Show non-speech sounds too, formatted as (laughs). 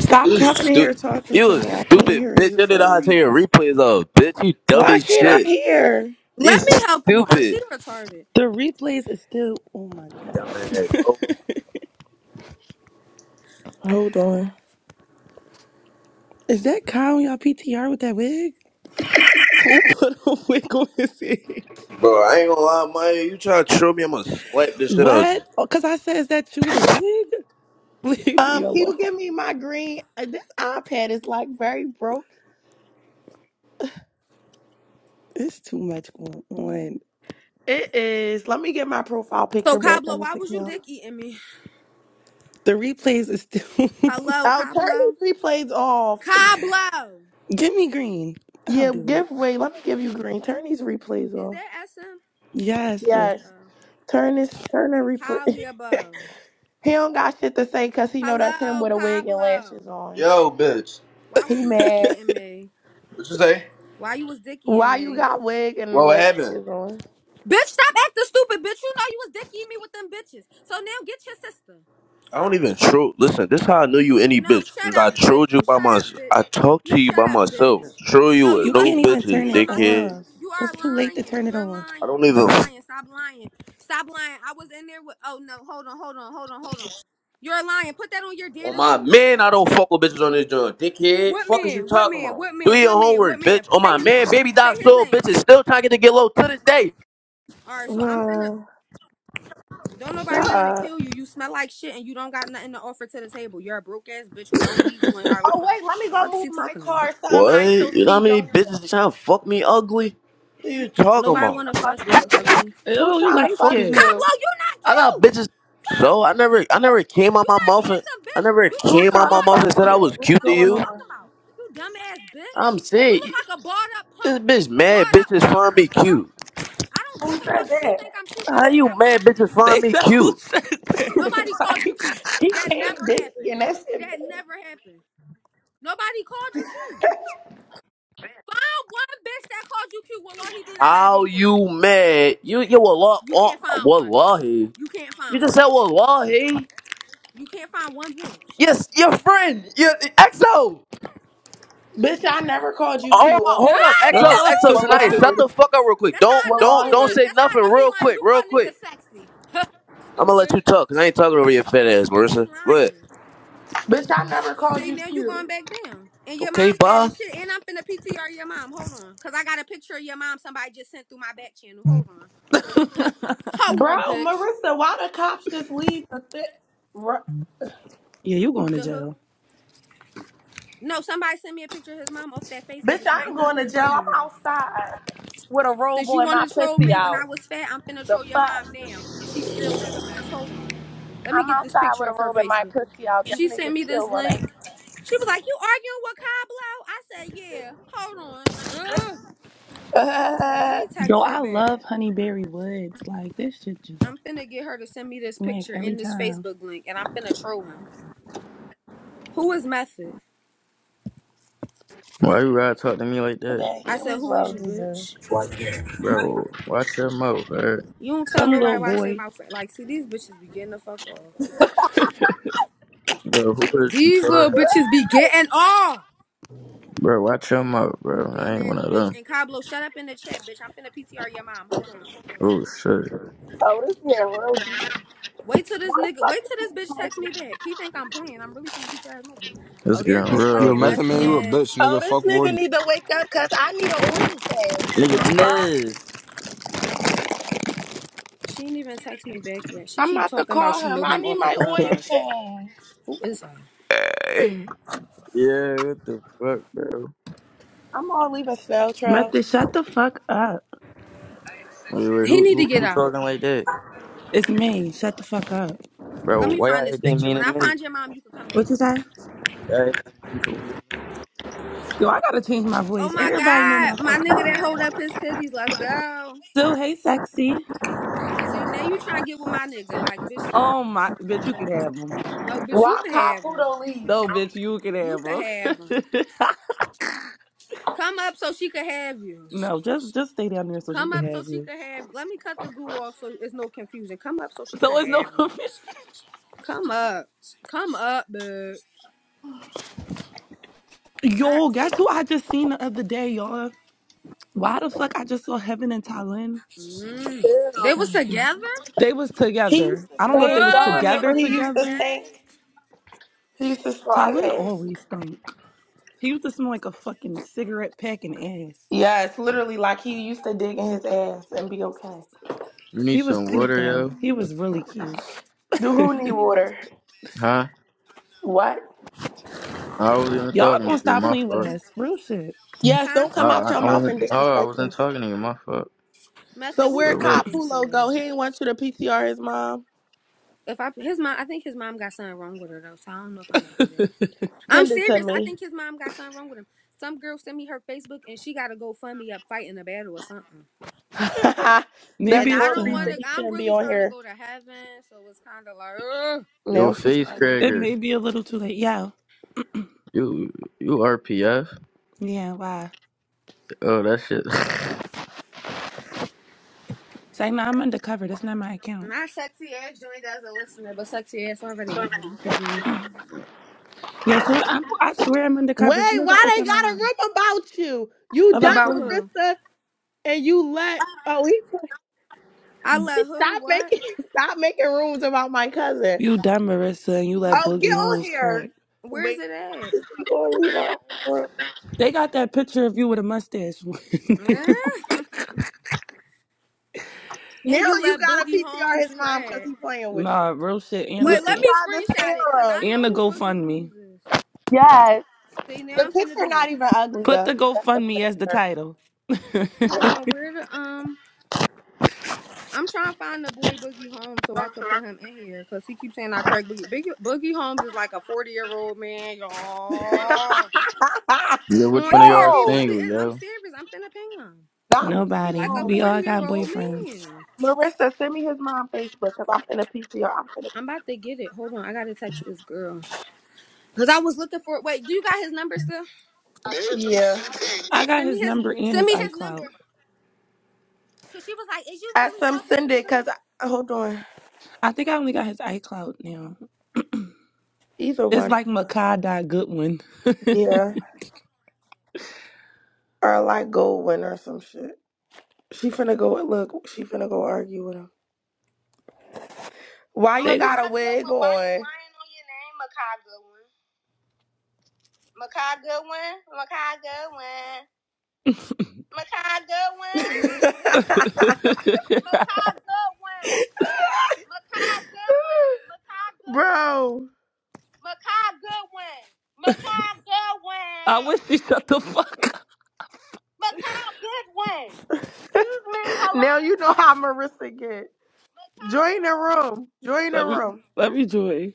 Stop coming in Stu- here talking you to a me. I can't stupid hear bitch. you You didn't for a know how to turn reason. your replays off, bitch. You dumb Why as can't I shit. hear? You Let me help you, cause he stupid. retarded. The replays is still. Oh my Dumbass. god! Oh. Hold on. (laughs) Is that Kyle on y'all PTR with that wig? Who put a (laughs) wig on his head? Bro, I ain't gonna lie, man. You try to troll me, I'm gonna slap this shit out you. What? Oh, Cause I said, is that you with a wig? (laughs) Leave me Um, can alone. you give me my green? uh, This iPad is like very broke. It's too much going on. It is. Let me get my profile So picture back Cablo, on why this was you account. dick eating me? The replays is still. Hello, Oh, turn Cablo. these replays off. Cablo, (laughs) Give me green. I'll Yeah, do it. give way. Let me give you green. Turn these replays is off. that SM? Yes. (laughs) Yes. Oh, Turn this. Turn the replay. (laughs) Caliabo. he don't got shit to say because he know that's him Hello, with a wig and Cablo. lashes on. Yo, bitch. Why was He you dick mad. eating me? What you say? Why you was dick eating Why you me? got wig Well, and what happened? lashes on? (sighs) Bitch, stop acting stupid, bitch. You know you was dick eating me with them bitches. So now get your sister. I don't Fuck. even troll. Listen, this how I knew you any No, bitch. shut Cause I up, trolled bitch. you You by shut my, up, I bitch. talked You to you shut by up, myself. bitch. Troll you No, with You you no can't wasn't even talking to bitches, me turn by it myself. dickhead. off. You It's are too late to lying. turn it You're off. I don't lying. You're even. lying. Stop lying. Stop lying. I was in there with. Oh no, hold on, hold on, hold on, hold on. You're lying. Put that on your On deadest my homie. man, I don't fuck with bitches on this joint. Dickhead, What fuck is you man? What talking man? about? What Do man? your What man? What homework, bitch. man? On Say my his man, name. baby Say doc his soul, name. bitch is still trying to get to get low to this day. All right. So I'm finna. Uh, Don't nobody shut want to up. kill you. You smell like shit, and you don't got nothing to offer to the table. You're a broke ass bitch. We don't need you in our Oh lives. wait, let me go Fuck is move he my talking about? car. Some What? show You know how speed many don't have. bitches trying to fuck me ugly? What you talking Who Nobody about? trying want to to What fuck fuck you, you? ugly. Who Oh, you trying the to light fuck fuck is you? skin. you? Coblo, you not I got cute. bitches. So I never, I never came out You my not mouth and handsome, I bitch. never You look Who came like a out trying to my barred mouth up and fuck said I you? punk. was What's cute Fuck to is going you you. on? talking about? You dumbass bitch. I'm You look saying like a barred up this punk. bitch A mad. barred up Bitches punk find me was broke. cute. I don't Who give a fuck if you said think I'm cute. My How nigga you got more mad? money than Bitches you, find They me Coblo. said who cute. said that? Nobody that? (laughs) called you cute. like, he That came never dicky happened. and that shit. That never happened. Nobody called you cute. Find one bitch that called you cute. Well, Lord, he did. I got a How beam for you. you mad? You you wallah You oh, can't find one. wallahi. You can't You find just said one. wallahi. You can't find one bitch. Yes, your friend. Your EXO. Bitch, I never called you Oh my cute. on the (laughs) hold up. (laughs) EXO, Oh. EXO, phone. Ah, tonight. (laughs) Shut Wallahi. the fuck up real quick. That's how I Don't know she don't don't lying. Wallahi. say That's how I nothing know he real lying. quick, We call real quick. niggas sexy. I'm gonna let you Stupid. talk, cause I ain't talking over your fat ass, You Marissa. Go ahead. lying. Bitch, I Oh, never called see, you now you going cute. back down. And your Okay, mom fat bye. as shit. And I'm finna PTR your mom. Hold on. Because I got a picture of your mom somebody just sent through my back channel. Hold on. Hold on, Bro, bitch. Marissa, why the cops just leave the thi- Ru- yeah, you going to The who? jail. No, somebody sent me a picture of his mom off that Facebook Bitch, account. I I'm ain't finna going put to his jail. mom I'm on here. outside with a robe Since you on and my want to troll pussy me when I out. was fat, I'm finna The troll your fuck? mom now. And she still look a mess. Hold on. Let me I'm get this outside picture with a off her robe and my Facebook. pussy out. These She sent niggas me still this running. link. She was like, "You arguing with Cablo?" I said, "Yeah." Hold on. Ugh. (laughs) Hold on. Let Uh, me Yo, text her I back. love Honeyberry Woods. Like this shit just I'm finna get her to send me this smack picture every in this time. Facebook link, and I'm finna troll him. Who is Method? Why you gotta talk to me like that? today I it said, was "Who is road you, dessert. bitch? Right there. Bro, watch your mouth, bro. You don't tell Some nobody little why I say boy. my friend. Like, see, these bitches be getting the fuck off. Bro, who is you These little talking? bitches be getting off. Bro, watch your mouth, You bro. I ain't one dumbass of bitch. them. And Cablo, shut up in the chat, bitch. I'm finna PTR your mom. Hold on. Oh, shit. Oh, this nigga road dessert. Wait till Why this the nigga. fuck Wait till is my this bitch car text me back. He think I'm playing. I'm really finna PTR his mother. Oh, It's there getting go real You a out fucking this method man, messy you time. a ass. bitch, Oh, nigga. this Fuck Wardy. nigga need to wake up because I need an oil Oh, change. What Nigga, the fuck? Nez. she ain't even text me back yet. She I'm keep about to talking about call she him. know I him need off a my oil clubhouse. change. Who is her? Yeah, what the fuck, bro? I'm gonna leave a spell trail. Method, shut the fuck up. Wait, wait, He who, need to who, get who out. talking like that? It's me. Shut the fuck up. Bro, Let me why find y'all this acting picture. When mean I to me? find your mom, you can come What back. you say? Y'all acting mean towards me. Yo, I gotta change my Oh voice. my Everybody know god, my my fucking nigga that voice. hold now. up his titties. Let's go. So hey, sexy. See now you trying to get with my nigga? Like bitch, keep Oh him. my, bitch, you can have him. No, bitch, you Why can have Kapu him. don't leave? No, bitch, you can You have can have him. him. Come up so she can have you. (laughs) no, just just stay down there so she Come can up so have she you. could have. Let me cut the goo off so it's no confusion. Come up so she So could it's no have you. confusion. Come up. Come up, bud. Hot Yo, take. guess who her. I just seen the other day, y'all? Why the fuck I just saw Heaven and Talin? Mm. They Ew. That was was good. together? They was He used together. to I don't know if they stink. was Y'all Uh, so together remember he she used not to gay? together. stink? He used to slide Tylen ass. always stunk. He used to smell like a fucking cigarette pack and ass. Yeah, it's literally like he used to dig in his ass and be okay. You need He was some cute water, though. yo? He was really cute. Do who need water? Huh? What? I wasn't (laughs) even Y'all talking gonna to you, stop my playing with fuck. us. Real shit. Yes, Huh? don't I, come out I, your I mouth wasn't, and oh, I disrespect wasn't us. talking to you, my fuck. Method, So who where you Relax. talking Capulo to? go? He ain't want you to PTR his mom. If I his mom, I think his mom got something wrong with her though, so I don't know if I'm gonna do that. (laughs) I'm Send it to serious. I me. think his mom got something wrong with him. Some girl sent me her Facebook and she gotta go fund me up fighting a battle or something. (laughs) That's And Maybe I it's more for don't want reason to. him. he I'm shouldn't be really on trying to here. go to heaven, so it's kind of like, ugh. Yo, Now she's face trying to It cracker. may be a little too late. Yo. You you RPF? Yeah, why? Oh that shit. (laughs) Say no, I'm undercover. That's not my account. Not sexy ass joined as a listener, but sexy ass already in here. I'm confused. Yo, so I'm, I swear I'm Wait, undercover as soon as I why they open my got a mouth. room about you? You About dumped About who? who? Marissa and you let oh he I bitch let who? stop What? making (laughs) stop making rooms about my cousin. You dumb, Marissa, and you let Where? Oh get Boogie on Holmes crack. here. Where is Wait, it at? is we gonna leave our own room? They got that picture of you with a mustache. Eh? (laughs) Now and you you let gotta Boogie PTR Holmes his mom because crab. he (laughs) playing with you. nah, real shit. And You Wait, should let the me try the screenshot it, cause I serum. and know the who Boogie GoFundMe. Holmes is. Yes. See, now The I'm finna picture do not it. even ugly Put though. the That's the GoFundMe as the funny title. Hold on, (laughs) where the um? I'm trying to find the boy Boogie Holmes so I could put him in here, cause he keeps saying I crack Boogie. Boogie, Boogie Holmes is like a 40 year old man, y'all. part. Yeah, (laughs) which On one of here, y'all are he Yo, really single, is. I'm yo? serious. I'm finna ping him. not He Nobody. like a We 40 all year got old boyfriends. man. Marissa, send me his mom Facebook because I'm finna PTR. I'm finna I'm about to get it. Hold on. I gotta text this girl. Cause I was looking for it. wait, do you got his number still? PTR. Yeah. I got Send me his his number and send his me his number. iCloud. Cause she was like, Is you At really some talking to send the it girl? because hold on. I think I only got his iCloud now. Either It's one. like Makai Goodwin. (laughs) Yeah. Or like gold win or some shit. She finna go look, she finna go argue with him. Why you they... got a wig on? Makai Goodwin, Makai Goodwin, Makai Goodwin, (laughs) (laughs) Makai Goodwin, Makai Goodwin, Bro. Makai Goodwin, Makai I Goodwin, wish she shut the fuck up. Makai Goodwin. Excuse me, Now you know how Marissa get. Join the room. Join the Let me room. let me join.